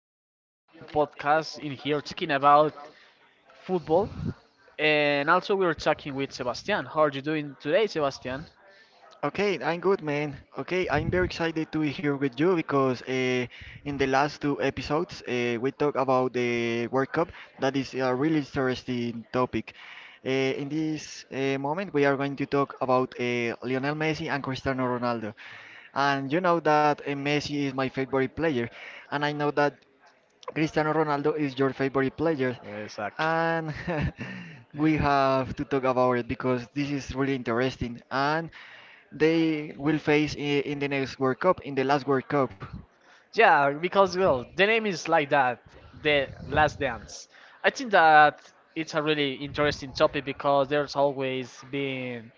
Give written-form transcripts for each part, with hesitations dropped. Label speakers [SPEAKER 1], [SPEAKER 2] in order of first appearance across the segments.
[SPEAKER 1] we are a new podcast in here talking about football, and also we are talking with Sebastian. How are you doing today, Sebastian?
[SPEAKER 2] Okay, I'm good, man. Okay, I'm very excited to be here with you because in the last two episodes we talked about the World Cup. That is a really interesting topic. In this moment, we are going to talk about Lionel Messi and Cristiano Ronaldo. And you know that Messi is my favorite player, and I know that Cristiano Ronaldo is your favorite player,
[SPEAKER 1] Exactly.
[SPEAKER 2] and we have to talk about it because this is really interesting. And they will face in the next World Cup, in the last World Cup.
[SPEAKER 1] Yeah, because well, the name is like that, the Last Dance. I think that it's a really interesting topic because there's always been,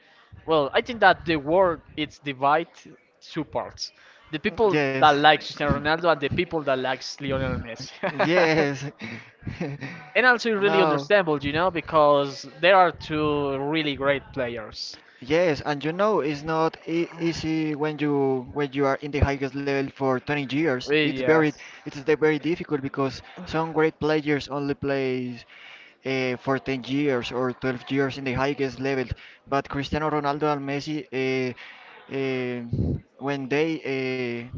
[SPEAKER 1] well, I think that the world it's divided two parts: the people
[SPEAKER 2] Yes.
[SPEAKER 1] that like Cristiano Ronaldo and the people that likes Lionel Messi.
[SPEAKER 2] Yes.
[SPEAKER 1] And also really
[SPEAKER 2] No.
[SPEAKER 1] understandable, because there are two really great players.
[SPEAKER 2] Yes, and you know it's not e easy when you are in the highest level for 20 years. It's very
[SPEAKER 1] Yes.
[SPEAKER 2] it's the very difficult because some great players only plays for 10 years or 12 years in the highest level. But Cristiano Ronaldo and Messi, uh, when they uh,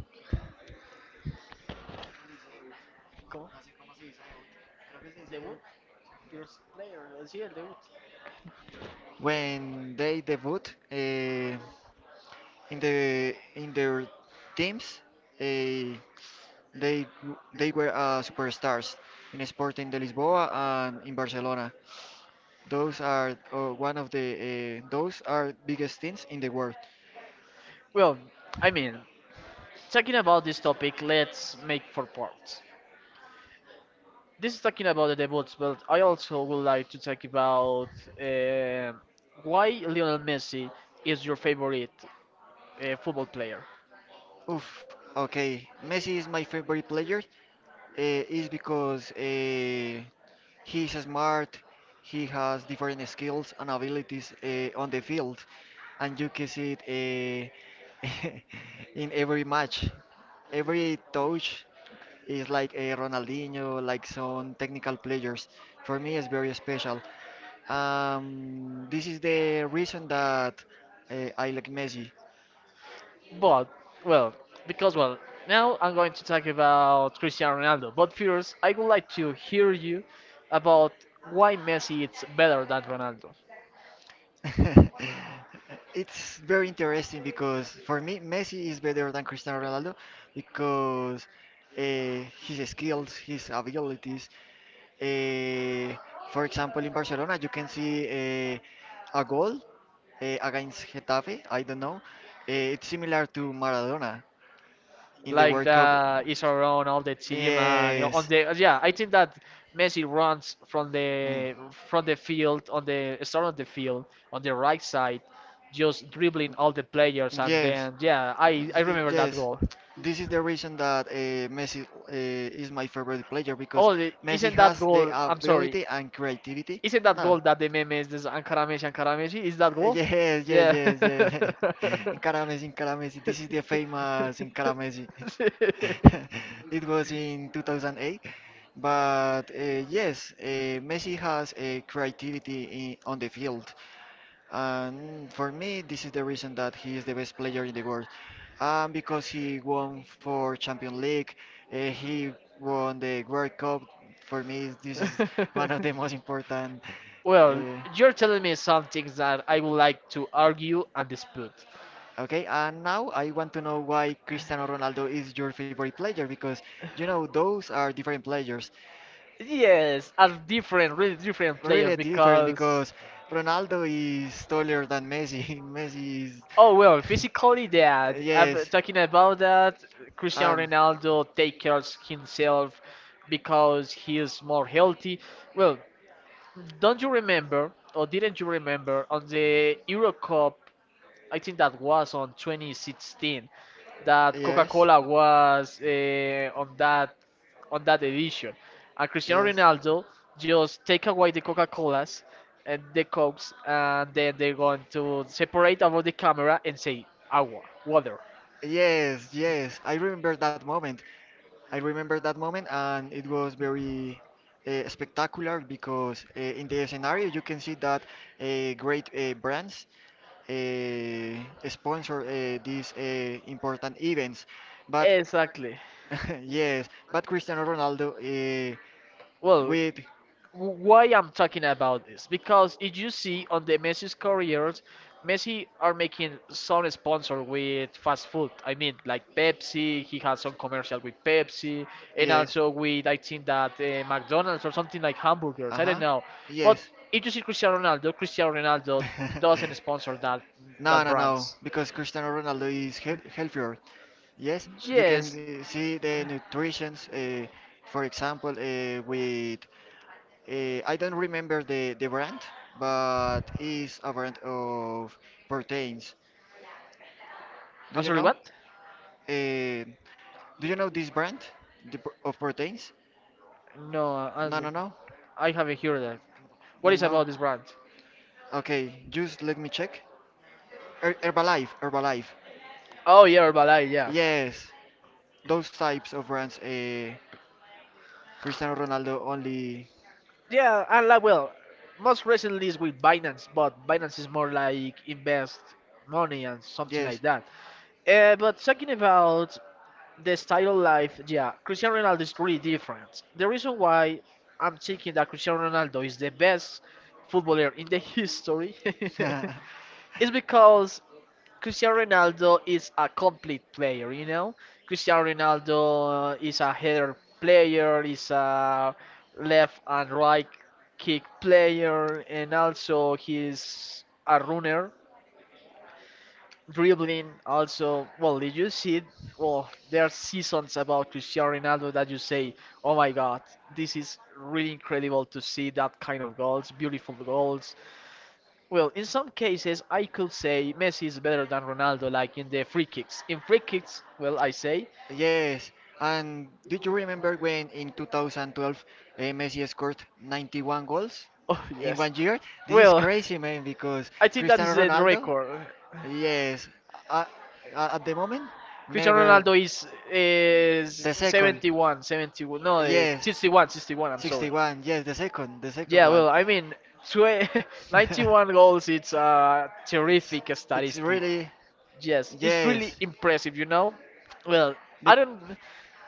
[SPEAKER 2] when they debut uh, in their teams, uh, they were superstars in Sporting de Lisboa and in Barcelona. Those are one of the those are biggest teams in the world.
[SPEAKER 1] Well, I mean, talking about this topic, let's make four parts. This is talking about the debuts, but I also would like to talk about eh, why Lionel Messi is your favorite football player.
[SPEAKER 2] Oof. Okay, Messi is my favorite player. Is because He is smart. He has different skills and abilities on the field, and you can see it uh, in every match. Every touch is like a Ronaldinho, like some technical players. For me, it's very special. This is the reason that I like Messi.
[SPEAKER 1] But well, because well, now I'm going to talk about Cristiano Ronaldo. But first, I would like to hear you about why Messi is better than Ronaldo.
[SPEAKER 2] It's very interesting because for me, Messi is better than Cristiano Ronaldo because uh, his skills, his abilities. Uh, for example, in Barcelona, you can see a goal against Getafe. I don't know. It's similar to Maradona in the World
[SPEAKER 1] Like
[SPEAKER 2] Cup.
[SPEAKER 1] the is around all the team and you know,
[SPEAKER 2] Yes.
[SPEAKER 1] on the yeah, I think that Messi runs from
[SPEAKER 2] Mm.
[SPEAKER 1] the field on the start of the field on the right side, just dribbling all the players and
[SPEAKER 2] Yes.
[SPEAKER 1] then yeah, I
[SPEAKER 2] Ye-
[SPEAKER 1] remember that
[SPEAKER 2] Yes.
[SPEAKER 1] goal.
[SPEAKER 2] This is the reason that Messi is my favorite player because
[SPEAKER 1] Oh,
[SPEAKER 2] Messi
[SPEAKER 1] isn't
[SPEAKER 2] has
[SPEAKER 1] that
[SPEAKER 2] the
[SPEAKER 1] goal? I'm sorry,
[SPEAKER 2] ability and creativity.
[SPEAKER 1] isn't that
[SPEAKER 2] No.
[SPEAKER 1] goal that the meme is this Ankarameshi? Is that goal?
[SPEAKER 2] Yes, yes,
[SPEAKER 1] Yeah.
[SPEAKER 2] yes, yes. Incaramesi, Incaramesi. This is the famous Incaramesi. It was in 2008. But Messi has a creativity I on the field. And for me, this is the reason that he is the best player in the world. And because he won for Champions League, he won the World Cup. For me, this is one of the most important.
[SPEAKER 1] Well,
[SPEAKER 2] uh,
[SPEAKER 1] you're telling me some things that I would like to argue and dispute.
[SPEAKER 2] Okay, and now I want to know why Cristiano Ronaldo is your favorite player because you know those are different players.
[SPEAKER 1] Yes, are different, really different players
[SPEAKER 2] Really different
[SPEAKER 1] because.
[SPEAKER 2] because Ronaldo is taller than Messi. Messi
[SPEAKER 1] Oh well,
[SPEAKER 2] is
[SPEAKER 1] physically, yeah. I'm
[SPEAKER 2] yes.
[SPEAKER 1] talking about that. Cristiano
[SPEAKER 2] Um,
[SPEAKER 1] Ronaldo takes care of himself because he is more healthy. Well, don't you remember, or didn't you remember, on the Euro Cup, I think that was on 2016, that
[SPEAKER 2] yes.
[SPEAKER 1] Coca-Cola was on that edition, and Cristiano
[SPEAKER 2] Yes.
[SPEAKER 1] Ronaldo just take away the Coca-Colas and the Cokes, and then they're going to separate about the camera and say agua, water.
[SPEAKER 2] Yes, yes. I remember that moment. I remember that moment, and it was very spectacular because in the scenario you can see that great brands sponsor these important events. But
[SPEAKER 1] Exactly.
[SPEAKER 2] yes, but Cristiano Ronaldo uh,
[SPEAKER 1] Well,
[SPEAKER 2] with
[SPEAKER 1] why I'm talking about this because if you see on the Messi's careers, Messi are making some sponsor with fast food. I mean, like Pepsi, he has some commercial with Pepsi, and
[SPEAKER 2] yes,
[SPEAKER 1] also with I think that McDonald's or something like
[SPEAKER 2] uh
[SPEAKER 1] hamburgers. I don't
[SPEAKER 2] huh,
[SPEAKER 1] know, but
[SPEAKER 2] yes.
[SPEAKER 1] if you see Cristiano Ronaldo, doesn't sponsor that
[SPEAKER 2] no, no, no,
[SPEAKER 1] brands.
[SPEAKER 2] because Cristiano Ronaldo is healthier. Yes, you can
[SPEAKER 1] Yes,
[SPEAKER 2] see the nutritions, for example, with I don't remember the brand, but it's a brand of proteins. Do
[SPEAKER 1] I'm
[SPEAKER 2] you
[SPEAKER 1] sorry,
[SPEAKER 2] know?
[SPEAKER 1] what?
[SPEAKER 2] Uh, do you know this brand the, of proteins?
[SPEAKER 1] No, I,
[SPEAKER 2] No, no, no,
[SPEAKER 1] I haven't heard that. What is
[SPEAKER 2] no.
[SPEAKER 1] about this brand?
[SPEAKER 2] Okay, just let me check. Herbalife, Herbalife.
[SPEAKER 1] Oh yeah, Herbalife, yeah.
[SPEAKER 2] Yes. Those types of runs a Cristiano Ronaldo only
[SPEAKER 1] Yeah, and like well, most recently is with Binance, but Binance is more like invest money and something
[SPEAKER 2] yes.
[SPEAKER 1] like that. But talking about the style of life, yeah, Cristiano Ronaldo is really different. The reason why I'm thinking that Cristiano Ronaldo is the best footballer in the history is because Cristiano Ronaldo is a complete player. Cristiano Ronaldo is a header player, is a left and right kick player, and also he's a runner, dribbling. Also, well, did you see? Well, there are seasons about Cristiano Ronaldo that you say, "Oh my God, this is really incredible to see that kind of goals, beautiful goals." Well, in some cases, I could say Messi is better than Ronaldo, like in the free kicks. In free kicks, well, I say,
[SPEAKER 2] Yes, and did you remember when in 2012 Messi scored 91 goals
[SPEAKER 1] oh
[SPEAKER 2] in
[SPEAKER 1] yes.
[SPEAKER 2] 1 year. This is
[SPEAKER 1] Well,
[SPEAKER 2] crazy, man, because
[SPEAKER 1] I think that
[SPEAKER 2] Cristiano
[SPEAKER 1] is the
[SPEAKER 2] Ronaldo,
[SPEAKER 1] record.
[SPEAKER 2] yes, uh, at the moment,
[SPEAKER 1] Cristiano
[SPEAKER 2] never
[SPEAKER 1] Ronaldo is
[SPEAKER 2] the
[SPEAKER 1] is
[SPEAKER 2] second.
[SPEAKER 1] seventy-one. No,
[SPEAKER 2] Yes,
[SPEAKER 1] 61, sixty-one. I'm sorry.
[SPEAKER 2] 61. Yes, the second
[SPEAKER 1] Yeah,
[SPEAKER 2] one.
[SPEAKER 1] well, I mean, tw- 91 goals. It's a
[SPEAKER 2] it's
[SPEAKER 1] terrific
[SPEAKER 2] it's
[SPEAKER 1] statistic.
[SPEAKER 2] really
[SPEAKER 1] Yes, it's really
[SPEAKER 2] yes.
[SPEAKER 1] impressive. Well,
[SPEAKER 2] Be-
[SPEAKER 1] I don't.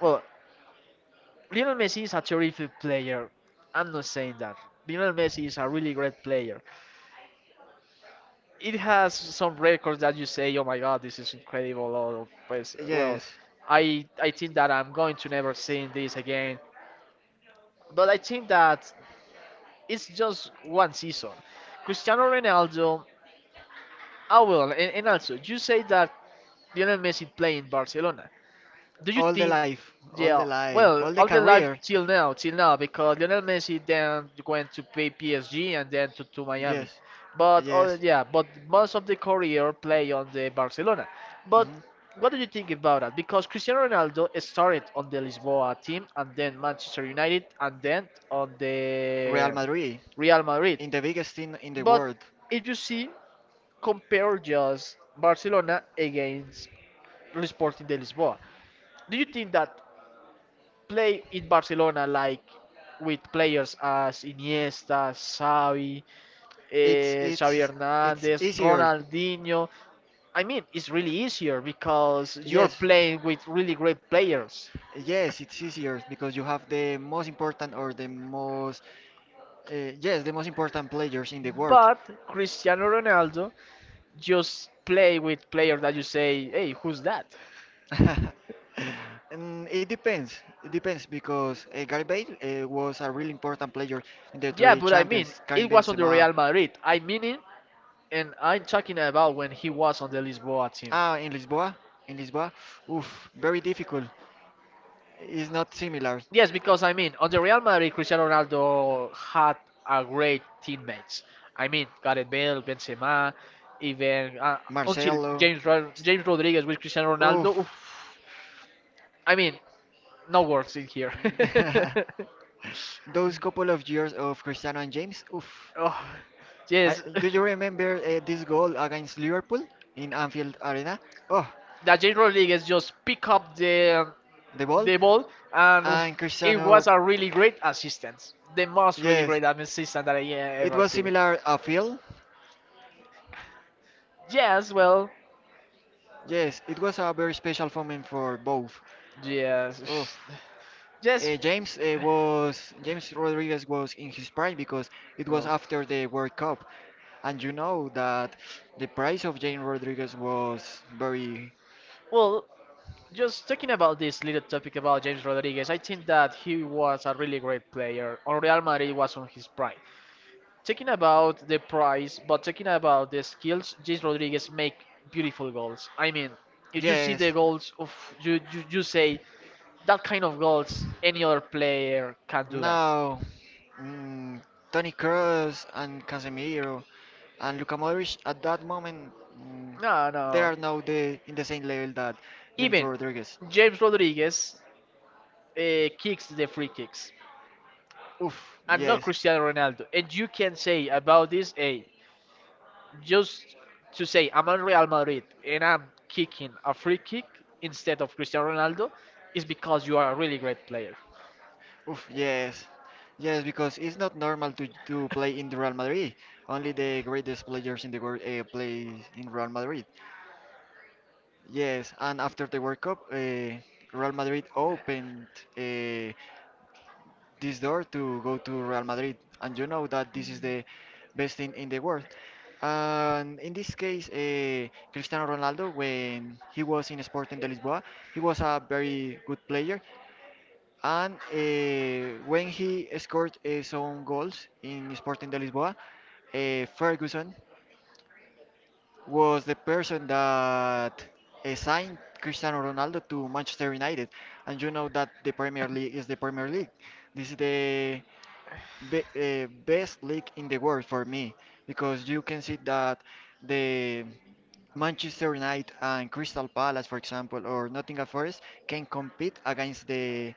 [SPEAKER 1] Well, Lionel Messi is a terrific player. I'm not saying that. Lionel Messi is a really great player. It has some records that you say, "Oh my God, this is incredible." Or, pues, well,
[SPEAKER 2] yes.
[SPEAKER 1] I think that I'm going to never see this again. But I think that it's just one season. Cristiano Ronaldo. Well, and also you say that Lionel Messi played in Barcelona. Do you
[SPEAKER 2] All the
[SPEAKER 1] think,
[SPEAKER 2] life, all the
[SPEAKER 1] yeah,
[SPEAKER 2] life, all
[SPEAKER 1] well,
[SPEAKER 2] the
[SPEAKER 1] all the life
[SPEAKER 2] career.
[SPEAKER 1] till now, because Lionel Messi then went to play PSG and then to Miami.
[SPEAKER 2] Yes,
[SPEAKER 1] But all,
[SPEAKER 2] yes.
[SPEAKER 1] yeah, but most of the career play on the Barcelona. But
[SPEAKER 2] Mhm.
[SPEAKER 1] what do you think about that? Because Cristiano Ronaldo started on the Lisboa team and then Manchester United and then on
[SPEAKER 2] Real
[SPEAKER 1] the
[SPEAKER 2] Madrid,
[SPEAKER 1] Real Madrid.
[SPEAKER 2] in the biggest team in the
[SPEAKER 1] But
[SPEAKER 2] world.
[SPEAKER 1] if you see, compare just Barcelona against Sporting de Lisboa. Do you think that play in Barcelona like with players as Iniesta, Xavi,
[SPEAKER 2] It's
[SPEAKER 1] Xavi
[SPEAKER 2] it's it's
[SPEAKER 1] Hernandez,
[SPEAKER 2] easier.
[SPEAKER 1] Ronaldinho. I mean, it's really easier because you're
[SPEAKER 2] Yes.
[SPEAKER 1] playing with really great players.
[SPEAKER 2] Yes, it's easier because you have the most important or the most yes, the most important players in the world.
[SPEAKER 1] But Cristiano Ronaldo just play with players that you say, hey, who's that?
[SPEAKER 2] And it depends. It depends because Gareth Bale was a really important player in the
[SPEAKER 1] Yeah,
[SPEAKER 2] three
[SPEAKER 1] but I mean,
[SPEAKER 2] champions, Karim
[SPEAKER 1] it was on the
[SPEAKER 2] Benzema.
[SPEAKER 1] Real Madrid. I mean it, and I'm talking about when he was on the Lisboa team.
[SPEAKER 2] Ah, in Lisboa, in Lisboa. Oof, very difficult. It's not similar.
[SPEAKER 1] Yes, because I mean, on the Real Madrid, Cristiano Ronaldo had a great teammates. I mean, Gareth Bale, Benzema, even until
[SPEAKER 2] Marcelo.
[SPEAKER 1] James Rodriguez with Cristiano
[SPEAKER 2] Oof.
[SPEAKER 1] Ronaldo. Oof. I mean, no words in here.
[SPEAKER 2] Those couple of years of Cristiano and James. Oof.
[SPEAKER 1] Oh,
[SPEAKER 2] I,
[SPEAKER 1] yes,
[SPEAKER 2] do you remember this goal against Liverpool in Anfield Arena? Oh,
[SPEAKER 1] that James Rodriguez just pick up the
[SPEAKER 2] the ball.
[SPEAKER 1] ball, and oof,
[SPEAKER 2] And
[SPEAKER 1] it
[SPEAKER 2] Cristiano.
[SPEAKER 1] was a really great assistance. The most really
[SPEAKER 2] Yes.
[SPEAKER 1] great assistance that I
[SPEAKER 2] It
[SPEAKER 1] ever
[SPEAKER 2] was
[SPEAKER 1] see.
[SPEAKER 2] similar a feel.
[SPEAKER 1] Yes, well,
[SPEAKER 2] Yes, it was a very special moment for both.
[SPEAKER 1] yes.
[SPEAKER 2] Oof.
[SPEAKER 1] Yes.
[SPEAKER 2] James Rodriguez was in his prime because it was
[SPEAKER 1] Oh.
[SPEAKER 2] after the World Cup, and you know that the price of James Rodriguez was very
[SPEAKER 1] Well, just talking about this little topic about James Rodriguez, I think that he was a really great player. On Real Madrid was on his prime. Talking about the price, but talking about the skills, James Rodriguez make beautiful goals. I mean, if you see
[SPEAKER 2] yes.
[SPEAKER 1] the goals of you say that kind of goals, any other player can do that.
[SPEAKER 2] Now, mm, Tony Kroos and Casemiro and Luka Modric at that moment. mm,
[SPEAKER 1] No,
[SPEAKER 2] They
[SPEAKER 1] no.
[SPEAKER 2] are now the in the same level that James
[SPEAKER 1] Even
[SPEAKER 2] Rodriguez.
[SPEAKER 1] James Rodriguez kicks the free kicks.
[SPEAKER 2] Oof,
[SPEAKER 1] And not
[SPEAKER 2] yes.
[SPEAKER 1] Cristiano Ronaldo. And you can say about this, hey, just to say I'm on Real Madrid and I'm kicking a free kick instead of Cristiano Ronaldo is because you are a really great player.
[SPEAKER 2] Oof, yes. Yes, because it's not normal to play in the Real Madrid. Only the greatest players in the world play in Real Madrid. Yes, and after the World Cup, Real Madrid opened. Uh, this door to go to Real Madrid, and you know that this is the best thing in the world. And in this case, Cristiano Ronaldo, when he was in Sporting de Lisboa, he was a very good player. And when he scored some goals in Sporting de Lisboa, Ferguson was the person that signed Cristiano Ronaldo to Manchester United. And you know that the Premier League is the Premier League. This is the best league in the world for me because you can see that the Manchester United and Crystal Palace, for example, or Nottingham Forest can compete against the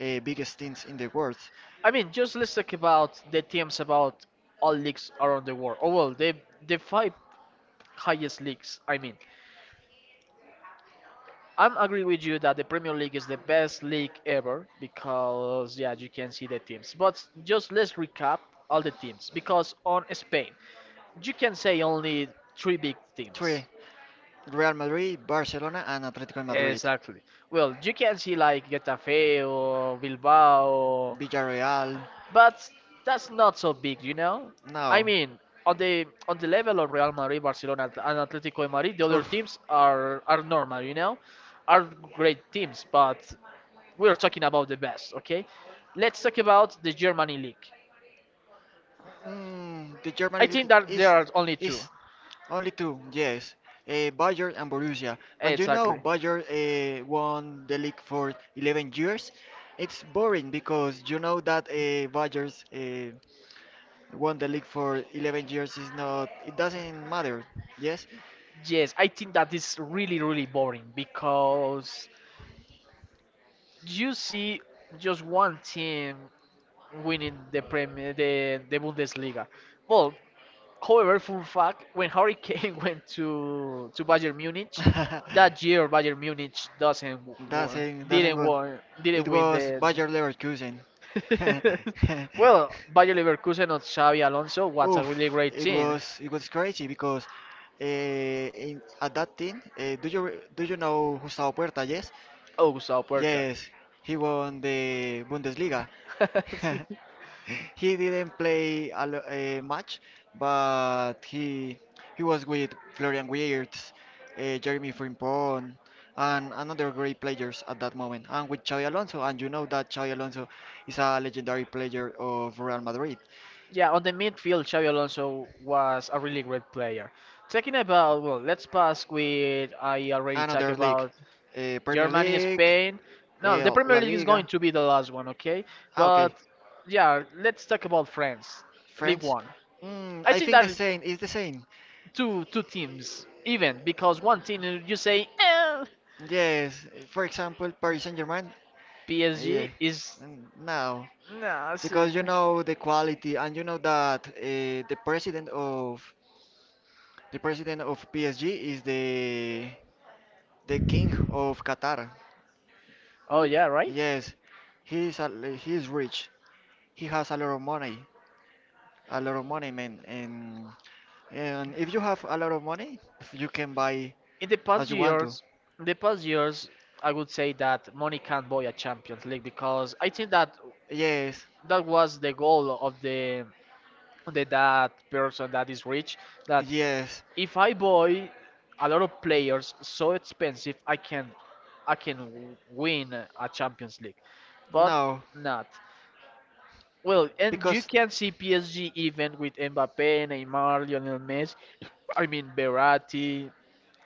[SPEAKER 2] biggest teams in the world.
[SPEAKER 1] I mean, just let's talk about the teams about all leagues around the world. Oh well, the five highest leagues. I mean, I'm agree with you that the Premier League is the best league ever because yeah, you can see the teams. But just let's recap all the teams because on Spain, you can say only three big
[SPEAKER 2] Three:
[SPEAKER 1] teams.
[SPEAKER 2] Real Madrid, Barcelona, and Atletico Madrid.
[SPEAKER 1] Exactly. Well, you can see like Getafe or Bilbao,
[SPEAKER 2] Villarreal,
[SPEAKER 1] but that's not so big, you know. I
[SPEAKER 2] no.
[SPEAKER 1] mean, on the level of Real Madrid, Barcelona, and Atletico de Madrid, the other
[SPEAKER 2] Oof.
[SPEAKER 1] teams are normal, you know, are great teams. But we're talking about the best, okay? Let's talk about the Germany league.
[SPEAKER 2] Mm, the German
[SPEAKER 1] I think
[SPEAKER 2] league
[SPEAKER 1] that
[SPEAKER 2] is
[SPEAKER 1] there are only two.
[SPEAKER 2] is only two, yes. Bayern and Borussia. But you know,
[SPEAKER 1] Exactly.
[SPEAKER 2] Bayern won the league for 11 years. It's boring because you know that Bayern's won the league for 11 years is not it doesn't matter yes.
[SPEAKER 1] Yes, I think that is really, really boring because do you see just one team winning the Premier, the Bundesliga? Well, however, fun fact, when Hurricane went to Bayern Munich, that year Bayern Munich doesn't
[SPEAKER 2] Doesn't go,
[SPEAKER 1] won, didn't
[SPEAKER 2] it
[SPEAKER 1] win
[SPEAKER 2] was
[SPEAKER 1] the.
[SPEAKER 2] Bayer Leverkusen.
[SPEAKER 1] Well, Bayer Leverkusen of Xavi Alonso was a
[SPEAKER 2] Oof,
[SPEAKER 1] really great
[SPEAKER 2] it
[SPEAKER 1] team.
[SPEAKER 2] was it was crazy because at that team, do you know Gustavo Puerta? Yes,
[SPEAKER 1] Oh, Sao Porta.
[SPEAKER 2] yes, he won the Bundesliga. He didn't play a match, but he was with Florian Wirtz, Jeremy Frimpong, and another great players at that moment, and with Xavi Alonso. And you know that Xavi Alonso is a legendary player of Real Madrid.
[SPEAKER 1] Yeah, on the midfield, Xabi Alonso was a really great player. Talking about, well, let's pass with, I already talked
[SPEAKER 2] Another league,
[SPEAKER 1] about
[SPEAKER 2] Premier
[SPEAKER 1] Germany,
[SPEAKER 2] League,
[SPEAKER 1] Spain. No, the
[SPEAKER 2] La
[SPEAKER 1] Premier League is going
[SPEAKER 2] Liga.
[SPEAKER 1] to be the last one, okay?
[SPEAKER 2] Ah, okay.
[SPEAKER 1] But yeah, let's talk about France, League
[SPEAKER 2] France?
[SPEAKER 1] One.
[SPEAKER 2] Mm,
[SPEAKER 1] I
[SPEAKER 2] I
[SPEAKER 1] think
[SPEAKER 2] think the
[SPEAKER 1] that
[SPEAKER 2] same. It's the same.
[SPEAKER 1] two teams, even because one team you say
[SPEAKER 2] Yes. For example, Paris Saint-Germain.
[SPEAKER 1] PSG
[SPEAKER 2] Yeah.
[SPEAKER 1] is
[SPEAKER 2] Mm, no,
[SPEAKER 1] nah. It's,
[SPEAKER 2] because you know the quality, and you know that the president of PSG is the king of Qatar.
[SPEAKER 1] oh yeah, right.
[SPEAKER 2] Yes, he's a, he's rich. He has a lot of money, a lot of money, man. And if you have a lot of money, you can buy
[SPEAKER 1] In the
[SPEAKER 2] as
[SPEAKER 1] past
[SPEAKER 2] you want to.
[SPEAKER 1] years, in the past years, I would say that money can't buy a Champions League because I think that
[SPEAKER 2] Yes,
[SPEAKER 1] that was the goal of the, that person that is rich. That
[SPEAKER 2] yes,
[SPEAKER 1] if I buy a lot of players so expensive, I can win a Champions League, but
[SPEAKER 2] no,
[SPEAKER 1] not. Well, and you
[SPEAKER 2] because
[SPEAKER 1] can see PSG even with Mbappe, Neymar, Lionel Messi, I mean Berati,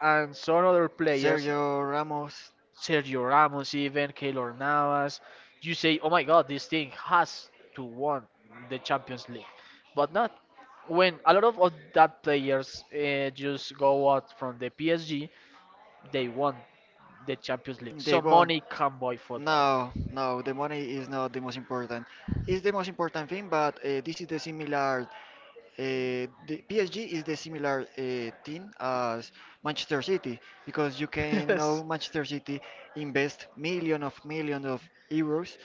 [SPEAKER 1] and some other players
[SPEAKER 2] Sergio Ramos,
[SPEAKER 1] Sergio Ramos, even Keylor Navas. You say, oh my God, this thing has to win the Champions League, but not when a lot of, that players just go out from the PSG. They won the Champions League, so
[SPEAKER 2] they won.
[SPEAKER 1] money can buy football.
[SPEAKER 2] No, the money is not the most important. It's the most important thing, but this is the similar. The PSG is the similar team as Manchester City because you can know
[SPEAKER 1] Yes.
[SPEAKER 2] Manchester City invest million of euros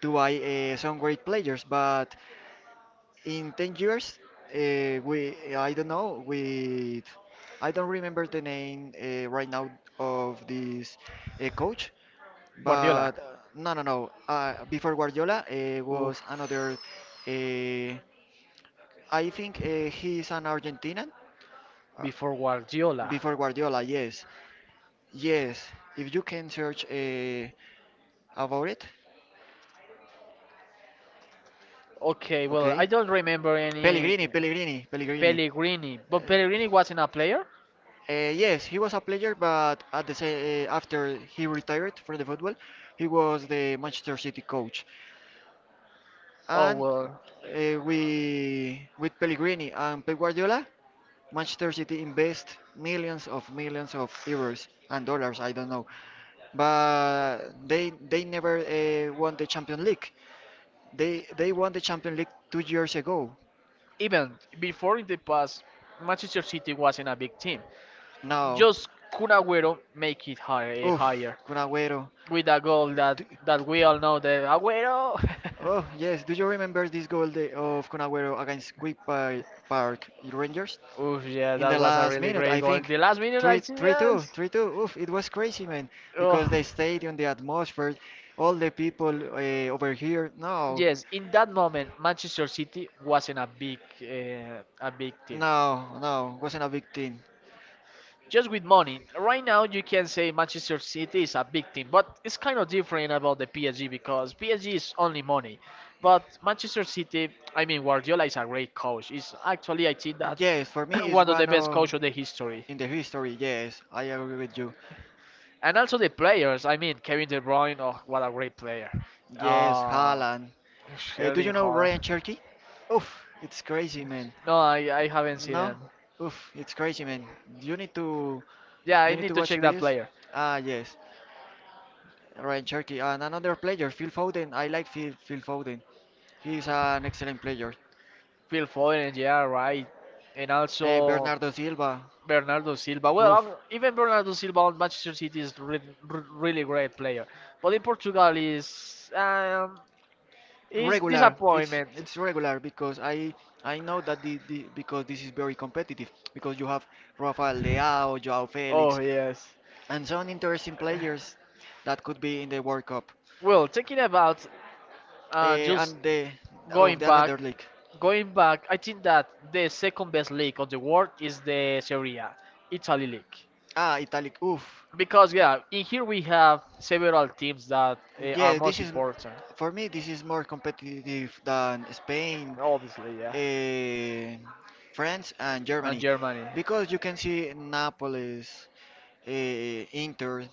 [SPEAKER 2] to buy some great players. But in 10 years, we I don't know with I don't remember the name right now of this coach.
[SPEAKER 1] Guardiola.
[SPEAKER 2] But no, no, no. Before Guardiola
[SPEAKER 1] Oof.
[SPEAKER 2] was another. Uh, I think he's an Argentinian. Uh,
[SPEAKER 1] Before Guardiola.
[SPEAKER 2] before Guardiola, yes, yes. If you can search about it,
[SPEAKER 1] Okay, well, I
[SPEAKER 2] okay.
[SPEAKER 1] don't remember
[SPEAKER 2] Pellegrini,
[SPEAKER 1] any
[SPEAKER 2] Pellegrini, Pellegrini.
[SPEAKER 1] Pellegrini, but Pellegrini wasn't a player.
[SPEAKER 2] Yes, he was a player, but at the same, after he retired from the football, he was the Manchester City coach.
[SPEAKER 1] Oh
[SPEAKER 2] And
[SPEAKER 1] well,
[SPEAKER 2] with Pellegrini and Pep Guardiola, Manchester City invest millions of euros and dollars, I don't know, but they never won the Champions League. They won the Champions League 2 years ago.
[SPEAKER 1] even before in the past, Manchester City wasn't a big team.
[SPEAKER 2] Now.
[SPEAKER 1] Just Kun Agüero make it higher,
[SPEAKER 2] Oof,
[SPEAKER 1] higher
[SPEAKER 2] Kun Agüero.
[SPEAKER 1] with a goal that
[SPEAKER 2] Do-
[SPEAKER 1] we all know The Agüero.
[SPEAKER 2] Oh, yes. Do you remember this goal the, of Kun Agüero against Quick Park Rangers?
[SPEAKER 1] Oof, yeah,
[SPEAKER 2] In
[SPEAKER 1] that
[SPEAKER 2] the
[SPEAKER 1] was a
[SPEAKER 2] last
[SPEAKER 1] really
[SPEAKER 2] minute, I
[SPEAKER 1] great goal. In
[SPEAKER 2] think.
[SPEAKER 1] the last minute, I
[SPEAKER 2] Three,
[SPEAKER 1] see
[SPEAKER 2] 3, 2,
[SPEAKER 1] yes.
[SPEAKER 2] 3, 2. Oof, it was crazy, man.
[SPEAKER 1] Oh.
[SPEAKER 2] Because the stadium, the atmosphere, all the people over here. No,
[SPEAKER 1] Yes, in that moment, Manchester City wasn't a big team.
[SPEAKER 2] no, no. Wasn't a big team.
[SPEAKER 1] Just with money. Right now, you can say Manchester City is a big team, but it's kind of different about the PSG because PSG is only money. But Manchester City, I mean, Guardiola is a great coach. He's actually, I think that
[SPEAKER 2] Yes, for me it's
[SPEAKER 1] one of the
[SPEAKER 2] one
[SPEAKER 1] best
[SPEAKER 2] of
[SPEAKER 1] coach of the history.
[SPEAKER 2] in the history. Yes, I agree with you.
[SPEAKER 1] And also the players. I mean, Kevin De Bruyne. Oh, what a great player.
[SPEAKER 2] Yes,
[SPEAKER 1] Uh,
[SPEAKER 2] Haaland. Do
[SPEAKER 1] Erling
[SPEAKER 2] you know Ryan
[SPEAKER 1] Haaland.
[SPEAKER 2] Cherky? Oof, it's crazy, man.
[SPEAKER 1] No, I haven't seen
[SPEAKER 2] No?
[SPEAKER 1] him.
[SPEAKER 2] Oof, it's crazy, man. You need to
[SPEAKER 1] Yeah, I
[SPEAKER 2] you need
[SPEAKER 1] need
[SPEAKER 2] to
[SPEAKER 1] to
[SPEAKER 2] watch
[SPEAKER 1] check that
[SPEAKER 2] this.
[SPEAKER 1] player.
[SPEAKER 2] Ah, yes, Ryan Cherky and another player, Phil Foden. I like Phil Foden. He's an excellent player.
[SPEAKER 1] Phil Foden, yeah, right. And also
[SPEAKER 2] Bernardo Silva.
[SPEAKER 1] Bernardo Silva. Well,
[SPEAKER 2] Oof.
[SPEAKER 1] even Bernardo Silva on Manchester City is re re really great player, but in Portugal is
[SPEAKER 2] Regular. It's
[SPEAKER 1] disappointment.
[SPEAKER 2] it's regular because I know that the because this is very competitive because you have Rafael Leao, Joao
[SPEAKER 1] Oh
[SPEAKER 2] Felix,
[SPEAKER 1] yes.
[SPEAKER 2] and some interesting players that could be in the World Cup.
[SPEAKER 1] Well, thinking about
[SPEAKER 2] Eh,
[SPEAKER 1] just
[SPEAKER 2] and the of
[SPEAKER 1] going
[SPEAKER 2] the
[SPEAKER 1] back,
[SPEAKER 2] another league.
[SPEAKER 1] going back, I think that the second best league of the world is the Serie A, Italy league,
[SPEAKER 2] Ah, Italic. Oof.
[SPEAKER 1] because yeah, in here we have several teams that are
[SPEAKER 2] Yeah,
[SPEAKER 1] most
[SPEAKER 2] this is
[SPEAKER 1] important.
[SPEAKER 2] for me. This is more competitive than Spain,
[SPEAKER 1] Obviously, yeah.
[SPEAKER 2] eh, France, and
[SPEAKER 1] And
[SPEAKER 2] Germany
[SPEAKER 1] Germany,
[SPEAKER 2] because you can see Napolis. Inter,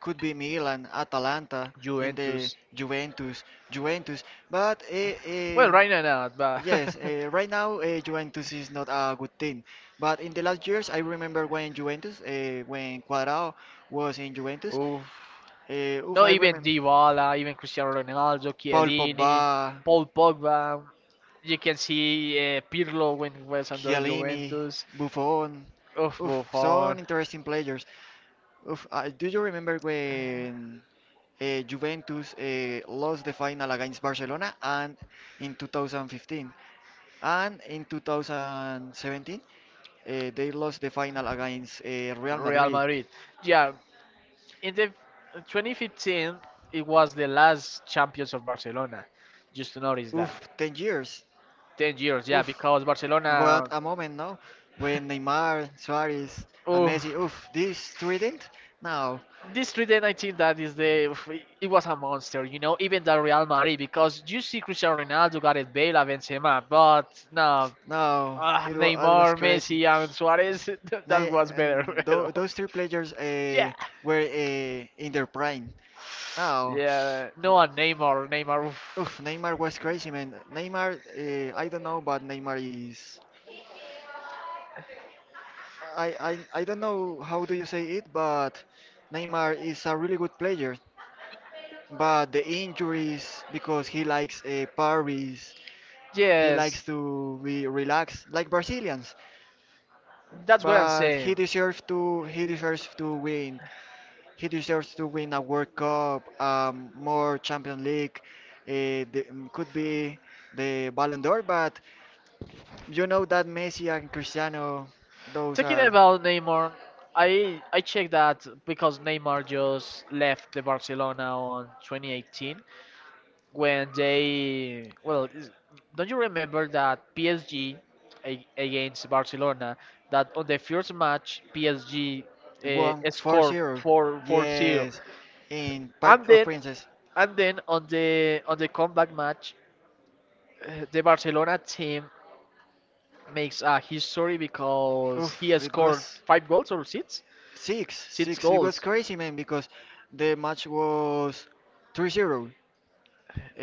[SPEAKER 2] could be Milan, Atalanta, in the
[SPEAKER 1] Juventus.
[SPEAKER 2] Juventus. But
[SPEAKER 1] Well, right now not, but
[SPEAKER 2] yes, right now Juventus is not a good team. But in the last years, I remember when Cuadrado was in Juventus.
[SPEAKER 1] oof.
[SPEAKER 2] Oof,
[SPEAKER 1] No,
[SPEAKER 2] I
[SPEAKER 1] even
[SPEAKER 2] remember
[SPEAKER 1] Dybala, even Cristiano Ronaldo,
[SPEAKER 2] Paul
[SPEAKER 1] Chiellini,
[SPEAKER 2] Pogba,
[SPEAKER 1] Paul Pogba. You can see Pirlo when he was under
[SPEAKER 2] Chiellini,
[SPEAKER 1] Juventus.
[SPEAKER 2] Buffon.
[SPEAKER 1] Oof,
[SPEAKER 2] Oof,
[SPEAKER 1] Buffon,
[SPEAKER 2] some interesting players. Oof, do you remember when Juventus lost the final against Barcelona and in 2015, and in 2017 they lost the final against Real
[SPEAKER 1] Real
[SPEAKER 2] Madrid?
[SPEAKER 1] Madrid. Yeah, in the 2015, it was the last champions of Barcelona. Just to notice that.
[SPEAKER 2] Oof, 10 years.
[SPEAKER 1] 10 years, yeah,
[SPEAKER 2] Oof.
[SPEAKER 1] because
[SPEAKER 2] What
[SPEAKER 1] Barcelona,
[SPEAKER 2] a moment, no? When Neymar, Suarez, and
[SPEAKER 1] oh,
[SPEAKER 2] Messi, oof, this trident? No.
[SPEAKER 1] this 2019, that is the, oof, it was a monster, even the Real Madrid, because you see Cristiano Ronaldo, Gareth Bale, and Benzema, but no,
[SPEAKER 2] No,
[SPEAKER 1] ah,
[SPEAKER 2] it was
[SPEAKER 1] Neymar,
[SPEAKER 2] crazy.
[SPEAKER 1] Messi, and Suarez, that was better,
[SPEAKER 2] And
[SPEAKER 1] you know.
[SPEAKER 2] those three players
[SPEAKER 1] Yeah,
[SPEAKER 2] were in their prime. Now,
[SPEAKER 1] yeah, no, and Neymar, Neymar, oof.
[SPEAKER 2] oof, Neymar was crazy, man. Neymar, I don't know, but Neymar is. I don't know how do you say it, but Neymar is a really good player. But the injuries, because he likes parties, he likes
[SPEAKER 1] Yes,
[SPEAKER 2] to be relaxed like Brazilians.
[SPEAKER 1] that's what I'm
[SPEAKER 2] But he
[SPEAKER 1] saying.
[SPEAKER 2] deserves to he deserves to win He deserves to win a World Cup, more Champions League. Could be the Ballon d'Or, but you know that Messi and Cristiano, those
[SPEAKER 1] Talking
[SPEAKER 2] are.
[SPEAKER 1] about Neymar, I checked that because Neymar just left the Barcelona on 2018 when they well is- don't you remember that PSG against Barcelona that on the first match PSG
[SPEAKER 2] One four
[SPEAKER 1] scored
[SPEAKER 2] zero.
[SPEAKER 1] 4 4-0
[SPEAKER 2] Yes, in
[SPEAKER 1] and
[SPEAKER 2] Park of
[SPEAKER 1] then
[SPEAKER 2] Princes.
[SPEAKER 1] and then on the comeback match the Barcelona team makes a history because he
[SPEAKER 2] Oof,
[SPEAKER 1] has
[SPEAKER 2] it
[SPEAKER 1] scored
[SPEAKER 2] was.
[SPEAKER 1] 5 goals or 6
[SPEAKER 2] Six,
[SPEAKER 1] Six
[SPEAKER 2] six. It was
[SPEAKER 1] goals.
[SPEAKER 2] crazy, man, because the match was 3-0.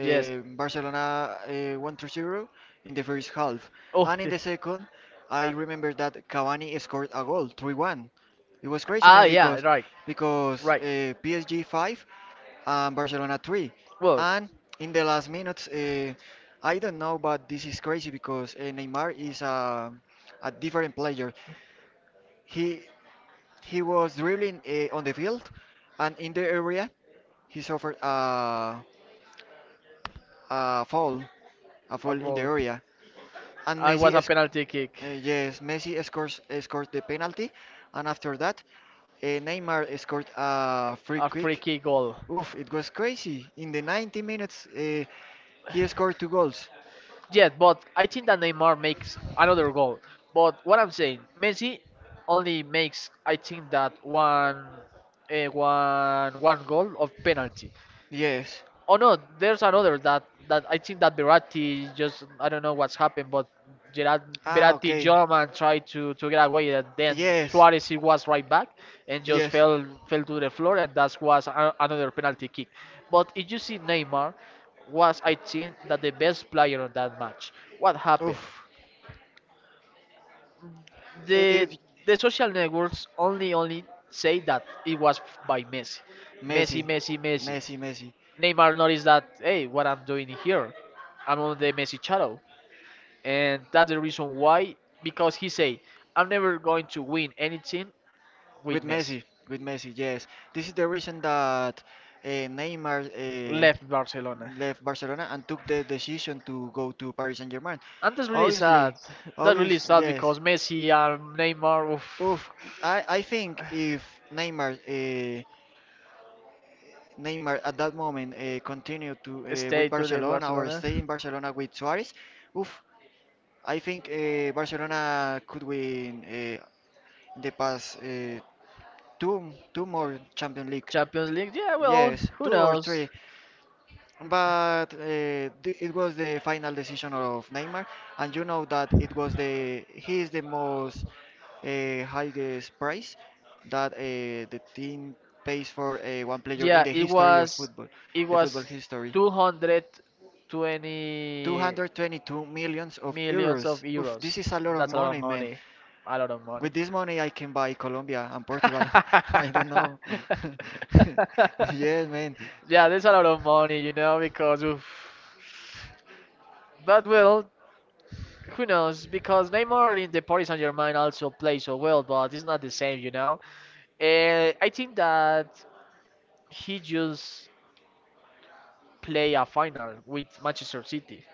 [SPEAKER 1] Yes.
[SPEAKER 2] Barcelona won 3 zero in the first half,
[SPEAKER 1] Oh,
[SPEAKER 2] and in the second, I remember that Cavani scored a goal, 3-1. It was crazy,
[SPEAKER 1] ah,
[SPEAKER 2] man,
[SPEAKER 1] yeah,
[SPEAKER 2] because because
[SPEAKER 1] right.
[SPEAKER 2] PSG five and Barcelona three,
[SPEAKER 1] Well,
[SPEAKER 2] and in the last minutes, I don't know, but this is crazy because Neymar is a different player. He he was dribbling on the field, and in the area he suffered a foul, a
[SPEAKER 1] a
[SPEAKER 2] foul in the
[SPEAKER 1] ball.
[SPEAKER 2] area. And
[SPEAKER 1] Ah, it was a penalty kick,
[SPEAKER 2] Yes, Messi scored the penalty, and after that, Neymar scored a free
[SPEAKER 1] a free
[SPEAKER 2] kick.
[SPEAKER 1] kick goal.
[SPEAKER 2] Oof, it was crazy. In the 90 minutes, he scored two goals.
[SPEAKER 1] Yes, but I think that Neymar makes another goal. But what I'm saying, Messi only makes, I think that one goal of penalty.
[SPEAKER 2] Yes.
[SPEAKER 1] Oh no, there's another that I think that Berratti just I don't know what's happened, but Gerard,
[SPEAKER 2] Ah,
[SPEAKER 1] Berratti
[SPEAKER 2] okay.
[SPEAKER 1] jumped and tried to get away, and then
[SPEAKER 2] Yes.
[SPEAKER 1] Suarez he was right back and just
[SPEAKER 2] Yes.
[SPEAKER 1] fell to the floor, and that was another penalty kick. But if you see Neymar, was I think that the best player on that match. What happened?
[SPEAKER 2] Oof.
[SPEAKER 1] The
[SPEAKER 2] If
[SPEAKER 1] the social networks only say that it was by Messi,
[SPEAKER 2] Messi,
[SPEAKER 1] Messi, Messi, Messi.
[SPEAKER 2] Messi, Messi,
[SPEAKER 1] Neymar noticed that, hey, what I'm doing here, I'm on the Messi shadow, and that's the reason why. Because he said, I'm never going to win anything with
[SPEAKER 2] with
[SPEAKER 1] Messi.
[SPEAKER 2] Messi, with Messi, yes. This is the reason that Neymar
[SPEAKER 1] Left Barcelona,
[SPEAKER 2] left Barcelona and took the decision to go to Paris Saint-Germain.
[SPEAKER 1] and that's really sad.
[SPEAKER 2] Obviously,
[SPEAKER 1] That's really
[SPEAKER 2] obvious,
[SPEAKER 1] sad
[SPEAKER 2] yes.
[SPEAKER 1] because Messi and Neymar
[SPEAKER 2] Oof.
[SPEAKER 1] oof,
[SPEAKER 2] I think if Neymar at that moment continue to with
[SPEAKER 1] stay to the
[SPEAKER 2] Barcelona or
[SPEAKER 1] Barcelona
[SPEAKER 2] stay in Barcelona with Suarez, oof, I think Barcelona could win the past two more Champions League.
[SPEAKER 1] Champions League. Yeah, well,
[SPEAKER 2] Yes,
[SPEAKER 1] who
[SPEAKER 2] two or
[SPEAKER 1] knows?
[SPEAKER 2] three. But it was the final decision of Neymar, and you know that it was the he is the most highest price that the team pays for one player in
[SPEAKER 1] Yeah,
[SPEAKER 2] the
[SPEAKER 1] it
[SPEAKER 2] history of
[SPEAKER 1] was
[SPEAKER 2] football,
[SPEAKER 1] it
[SPEAKER 2] the football
[SPEAKER 1] was
[SPEAKER 2] history.
[SPEAKER 1] 220
[SPEAKER 2] 222 millions of
[SPEAKER 1] millions of
[SPEAKER 2] euros. Oof, this
[SPEAKER 1] euros.
[SPEAKER 2] is a lot of
[SPEAKER 1] That's a lot of
[SPEAKER 2] money, man.
[SPEAKER 1] money. A lot of money.
[SPEAKER 2] With this money, I can buy Colombia and Portugal. I don't know. Yeah, man.
[SPEAKER 1] Yeah, there's a lot of money, because of. But well, who knows? Because Neymar in the Paris Saint-Germain also plays so well, but it's not the same. I think that he just play a final with Manchester City,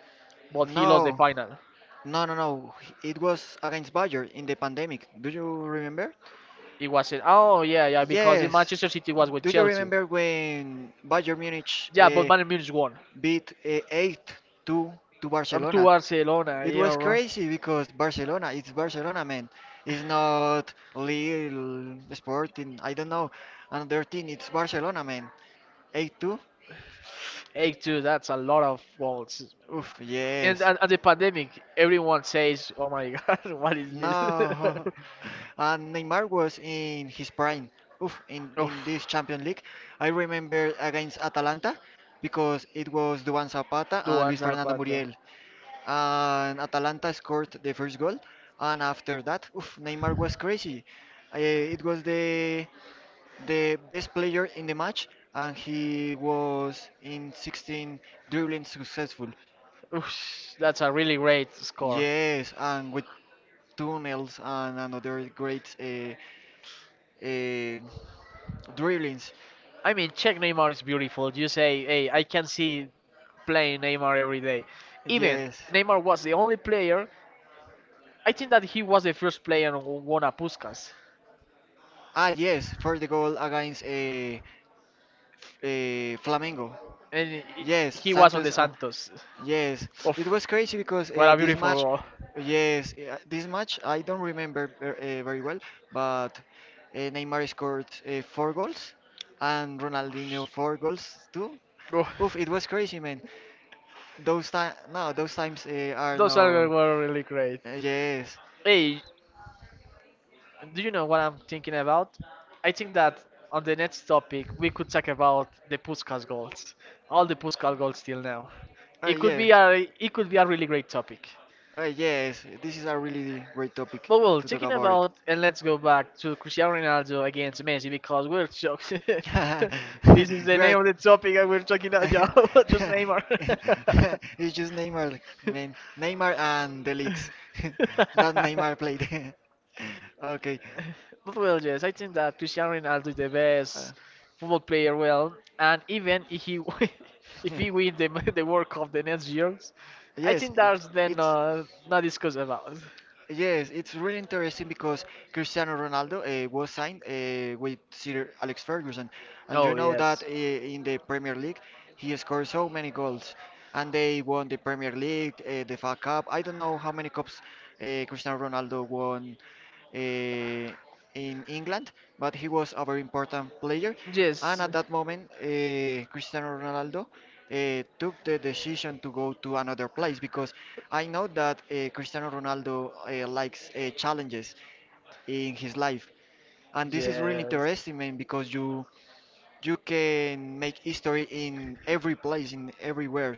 [SPEAKER 1] but he lost the
[SPEAKER 2] No,
[SPEAKER 1] final.
[SPEAKER 2] no, no, no. It was against Bayern in the pandemic. Do you remember?
[SPEAKER 1] It wasn't. Oh yeah, yeah, because in
[SPEAKER 2] Yes.
[SPEAKER 1] Manchester City was with
[SPEAKER 2] Do you
[SPEAKER 1] Chelsea.
[SPEAKER 2] remember when Bayern Munich
[SPEAKER 1] Yeah, but Bayern Munich won.
[SPEAKER 2] beat 8-2 to
[SPEAKER 1] Up to
[SPEAKER 2] Barcelona?
[SPEAKER 1] Barcelona,
[SPEAKER 2] It
[SPEAKER 1] yeah,
[SPEAKER 2] was
[SPEAKER 1] right.
[SPEAKER 2] crazy because Barcelona, it's Barcelona, man. It's not Lille, Sporting, I don't know, another team. It's Barcelona, man. 8-2?
[SPEAKER 1] 8-2, that's a lot of goals.
[SPEAKER 2] Oof, yes.
[SPEAKER 1] And the pandemic, everyone says, oh my god, what is this?
[SPEAKER 2] No. And Neymar was in his prime. Oof, in
[SPEAKER 1] Oof.
[SPEAKER 2] this Champions League. I remember against Atalanta because it was Duan Zapata and
[SPEAKER 1] Duan
[SPEAKER 2] Luis Fernando
[SPEAKER 1] Zapata.
[SPEAKER 2] Muriel. And Atalanta scored the first goal. And after that, oof, Neymar was crazy. It was the best player in the match, and he was in 16 dribbling successful.
[SPEAKER 1] Oof, that's a really great score.
[SPEAKER 2] Yes, and with tunnels and another great uh, dribblings.
[SPEAKER 1] I mean, check Neymar is beautiful. You say, hey, I can see playing Neymar every day. Even
[SPEAKER 2] Yes.
[SPEAKER 1] Neymar was the only player I think that he was the first player who won a Puskas,
[SPEAKER 2] Ah, yes, for the goal against Flamengo.
[SPEAKER 1] and
[SPEAKER 2] Yes,
[SPEAKER 1] he was on the
[SPEAKER 2] Santos.
[SPEAKER 1] Santos.
[SPEAKER 2] Yes, it
[SPEAKER 1] Oof,
[SPEAKER 2] was crazy because
[SPEAKER 1] what a beautiful goal!
[SPEAKER 2] yes, this match I don't remember very well, but Neymar scored four goals and Ronaldinho four goals too.
[SPEAKER 1] Oh,
[SPEAKER 2] Oof, it was crazy, man. Those times are
[SPEAKER 1] those are
[SPEAKER 2] no.
[SPEAKER 1] were really great.
[SPEAKER 2] Yes,
[SPEAKER 1] Hey, do you know what I'm thinking about? I think that on the next topic we could talk about the Puskas goals, all the Puskas goals till now. It could
[SPEAKER 2] yeah.
[SPEAKER 1] be a it could be a really great topic.
[SPEAKER 2] Yes, this is a really great topic
[SPEAKER 1] But well,
[SPEAKER 2] to talk
[SPEAKER 1] talking
[SPEAKER 2] about it.
[SPEAKER 1] about and let's go back to Cristiano Ronaldo against Messi because we're shocked. This is the
[SPEAKER 2] We are.
[SPEAKER 1] name of the topic and we're talking about just Neymar. But
[SPEAKER 2] It's just Neymar, man. Neymar and the leaks that Neymar played. Okay.
[SPEAKER 1] well, yes, I think that Cristiano Ronaldo is the
[SPEAKER 2] Uh,
[SPEAKER 1] best football player. Well, and even if he win- if he win the the World Cup the next years, I
[SPEAKER 2] yes,
[SPEAKER 1] think that's then
[SPEAKER 2] it's.
[SPEAKER 1] not discussed about.
[SPEAKER 2] Yes, it's really interesting because Cristiano Ronaldo was signed with Sir Alex Ferguson, and you
[SPEAKER 1] Oh
[SPEAKER 2] know that
[SPEAKER 1] yes,
[SPEAKER 2] in the Premier League he scored so many goals, and they won the Premier League, the FA Cup. I don't know how many cups Cristiano Ronaldo won uh, in England, but he was a very important player. And
[SPEAKER 1] yes.
[SPEAKER 2] at that moment, Cristiano Ronaldo took the decision to go to another place because I know that Cristiano Ronaldo likes challenges in his life, and this is really
[SPEAKER 1] Yes.
[SPEAKER 2] interesting, man, because you can make history in every place, in everywhere.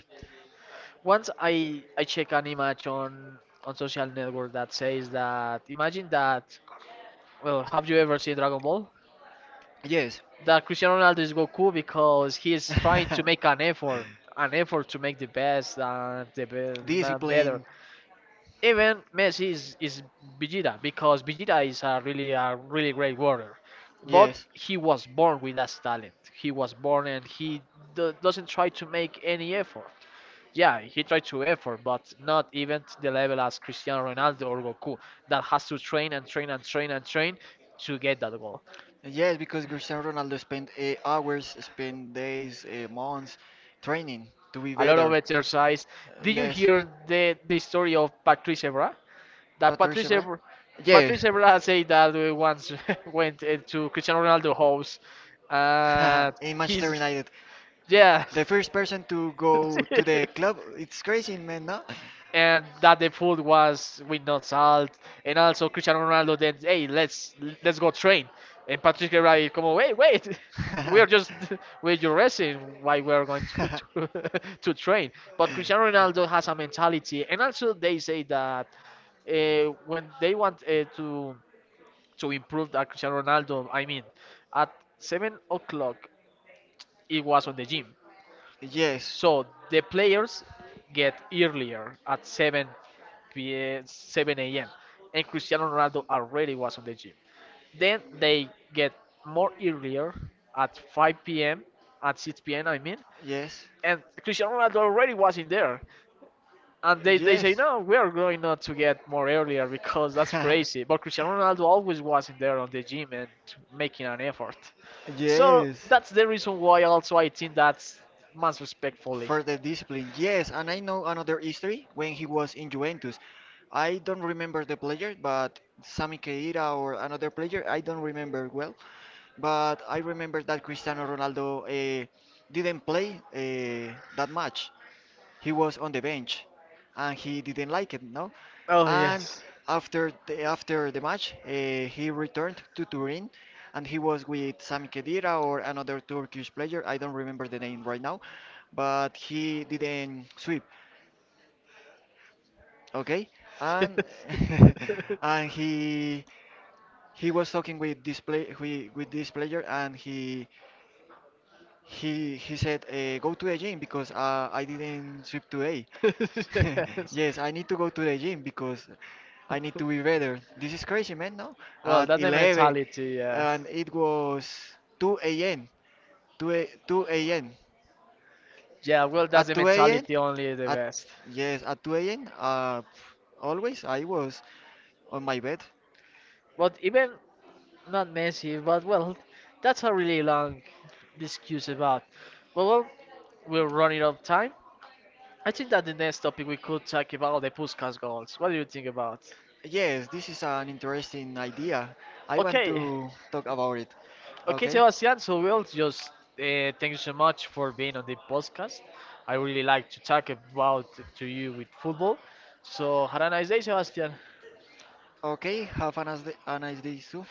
[SPEAKER 1] Once I check an image on social network that says that imagine that well have you ever seen Dragon Ball?
[SPEAKER 2] Yes.
[SPEAKER 1] That Cristiano Ronaldo is Goku because he is trying to make an effort to make the best and the man
[SPEAKER 2] Discipline.
[SPEAKER 1] better. Even Messi is Vegeta because Vegeta is a really great warrior, but
[SPEAKER 2] Yes.
[SPEAKER 1] he was born with that talent. He was born and he doesn't try to make any effort. Yeah, he tried to effort, but not even to the level as Cristiano Ronaldo or Goku that has to train and train and train and train to get that goal.
[SPEAKER 2] Yes, because Cristiano Ronaldo spent hours, spent days, months training to be
[SPEAKER 1] A lot
[SPEAKER 2] better.
[SPEAKER 1] of exercise. Did you
[SPEAKER 2] Yes,
[SPEAKER 1] hear the story of Patrice Evra? That
[SPEAKER 2] Patricia
[SPEAKER 1] Patrice
[SPEAKER 2] Bra?
[SPEAKER 1] Evra, Patrice
[SPEAKER 2] Yes.
[SPEAKER 1] Evra said that once went to Cristiano Ronaldo house, and
[SPEAKER 2] In Manchester
[SPEAKER 1] he's
[SPEAKER 2] United.
[SPEAKER 1] yeah,
[SPEAKER 2] The first person to go to the club, it's crazy, man, no?
[SPEAKER 1] and that the food was with no salt, and also Cristiano Ronaldo then hey let's go train, and Patrice Evra is como wait wait. We are just we're just resting while we are going to to train. But Cristiano Ronaldo has a mentality, and also they say that when they want to improve that Cristiano Ronaldo. I mean, at 7 o'clock, it was on the gym.
[SPEAKER 2] Yes.
[SPEAKER 1] So the players get earlier at 7 p.m., 7 a.m. And Cristiano Ronaldo already was on the gym. Then they get more earlier at 5 p.m., at 6 p.m., I mean.
[SPEAKER 2] Yes.
[SPEAKER 1] And Cristiano Ronaldo already was in there. And they say,
[SPEAKER 2] Yes.
[SPEAKER 1] no, we are going not to get more earlier because that's crazy. But Cristiano Ronaldo always wasn't there on the gym and making an effort. So that's the reason why also I think
[SPEAKER 2] Yes.
[SPEAKER 1] that's much respectfully.
[SPEAKER 2] For the discipline, yes, and I know another history when he was in Juventus. I don't remember the player, but Sami Khedira or another player, I don't remember well, but I remember that Cristiano Ronaldo didn't play that much. He was on the bench and he didn't like it, no?
[SPEAKER 1] Oh,
[SPEAKER 2] And
[SPEAKER 1] yes.
[SPEAKER 2] after the match, he returned to Turin, and he was with Sami Khedira or another Turkish player. I don't remember the name right now, but he didn't sweep, okay? And and he was talking with this player, and he said go to the gym because I didn't sweep today.
[SPEAKER 1] Yes.
[SPEAKER 2] Yes, I need to go to the gym because I need to be better. This is crazy, man, no?
[SPEAKER 1] Well,
[SPEAKER 2] At
[SPEAKER 1] that's the
[SPEAKER 2] 11,
[SPEAKER 1] mentality, yeah.
[SPEAKER 2] and it was 2 a.m. 2 a.m.
[SPEAKER 1] Yeah, well, that's
[SPEAKER 2] At
[SPEAKER 1] the
[SPEAKER 2] 2 a.m.
[SPEAKER 1] mentality only the
[SPEAKER 2] At
[SPEAKER 1] best.
[SPEAKER 2] yes, at 2 a.m. Always I was on my bed.
[SPEAKER 1] But even not Messi, but well, that's a really long discussion about. But well, we're running out of time. I think that the next topic we could talk about the Puskas goals. What do you think about?
[SPEAKER 2] Yes, this is an interesting idea. I want
[SPEAKER 1] Okay,
[SPEAKER 2] to talk about it.
[SPEAKER 1] okay,
[SPEAKER 2] Okay.
[SPEAKER 1] Sebastian. So we'll just thank you so much for being on the podcast. I really like to talk about to you with football. So have a nice day, Sebastian.
[SPEAKER 2] Okay, have a nice day too.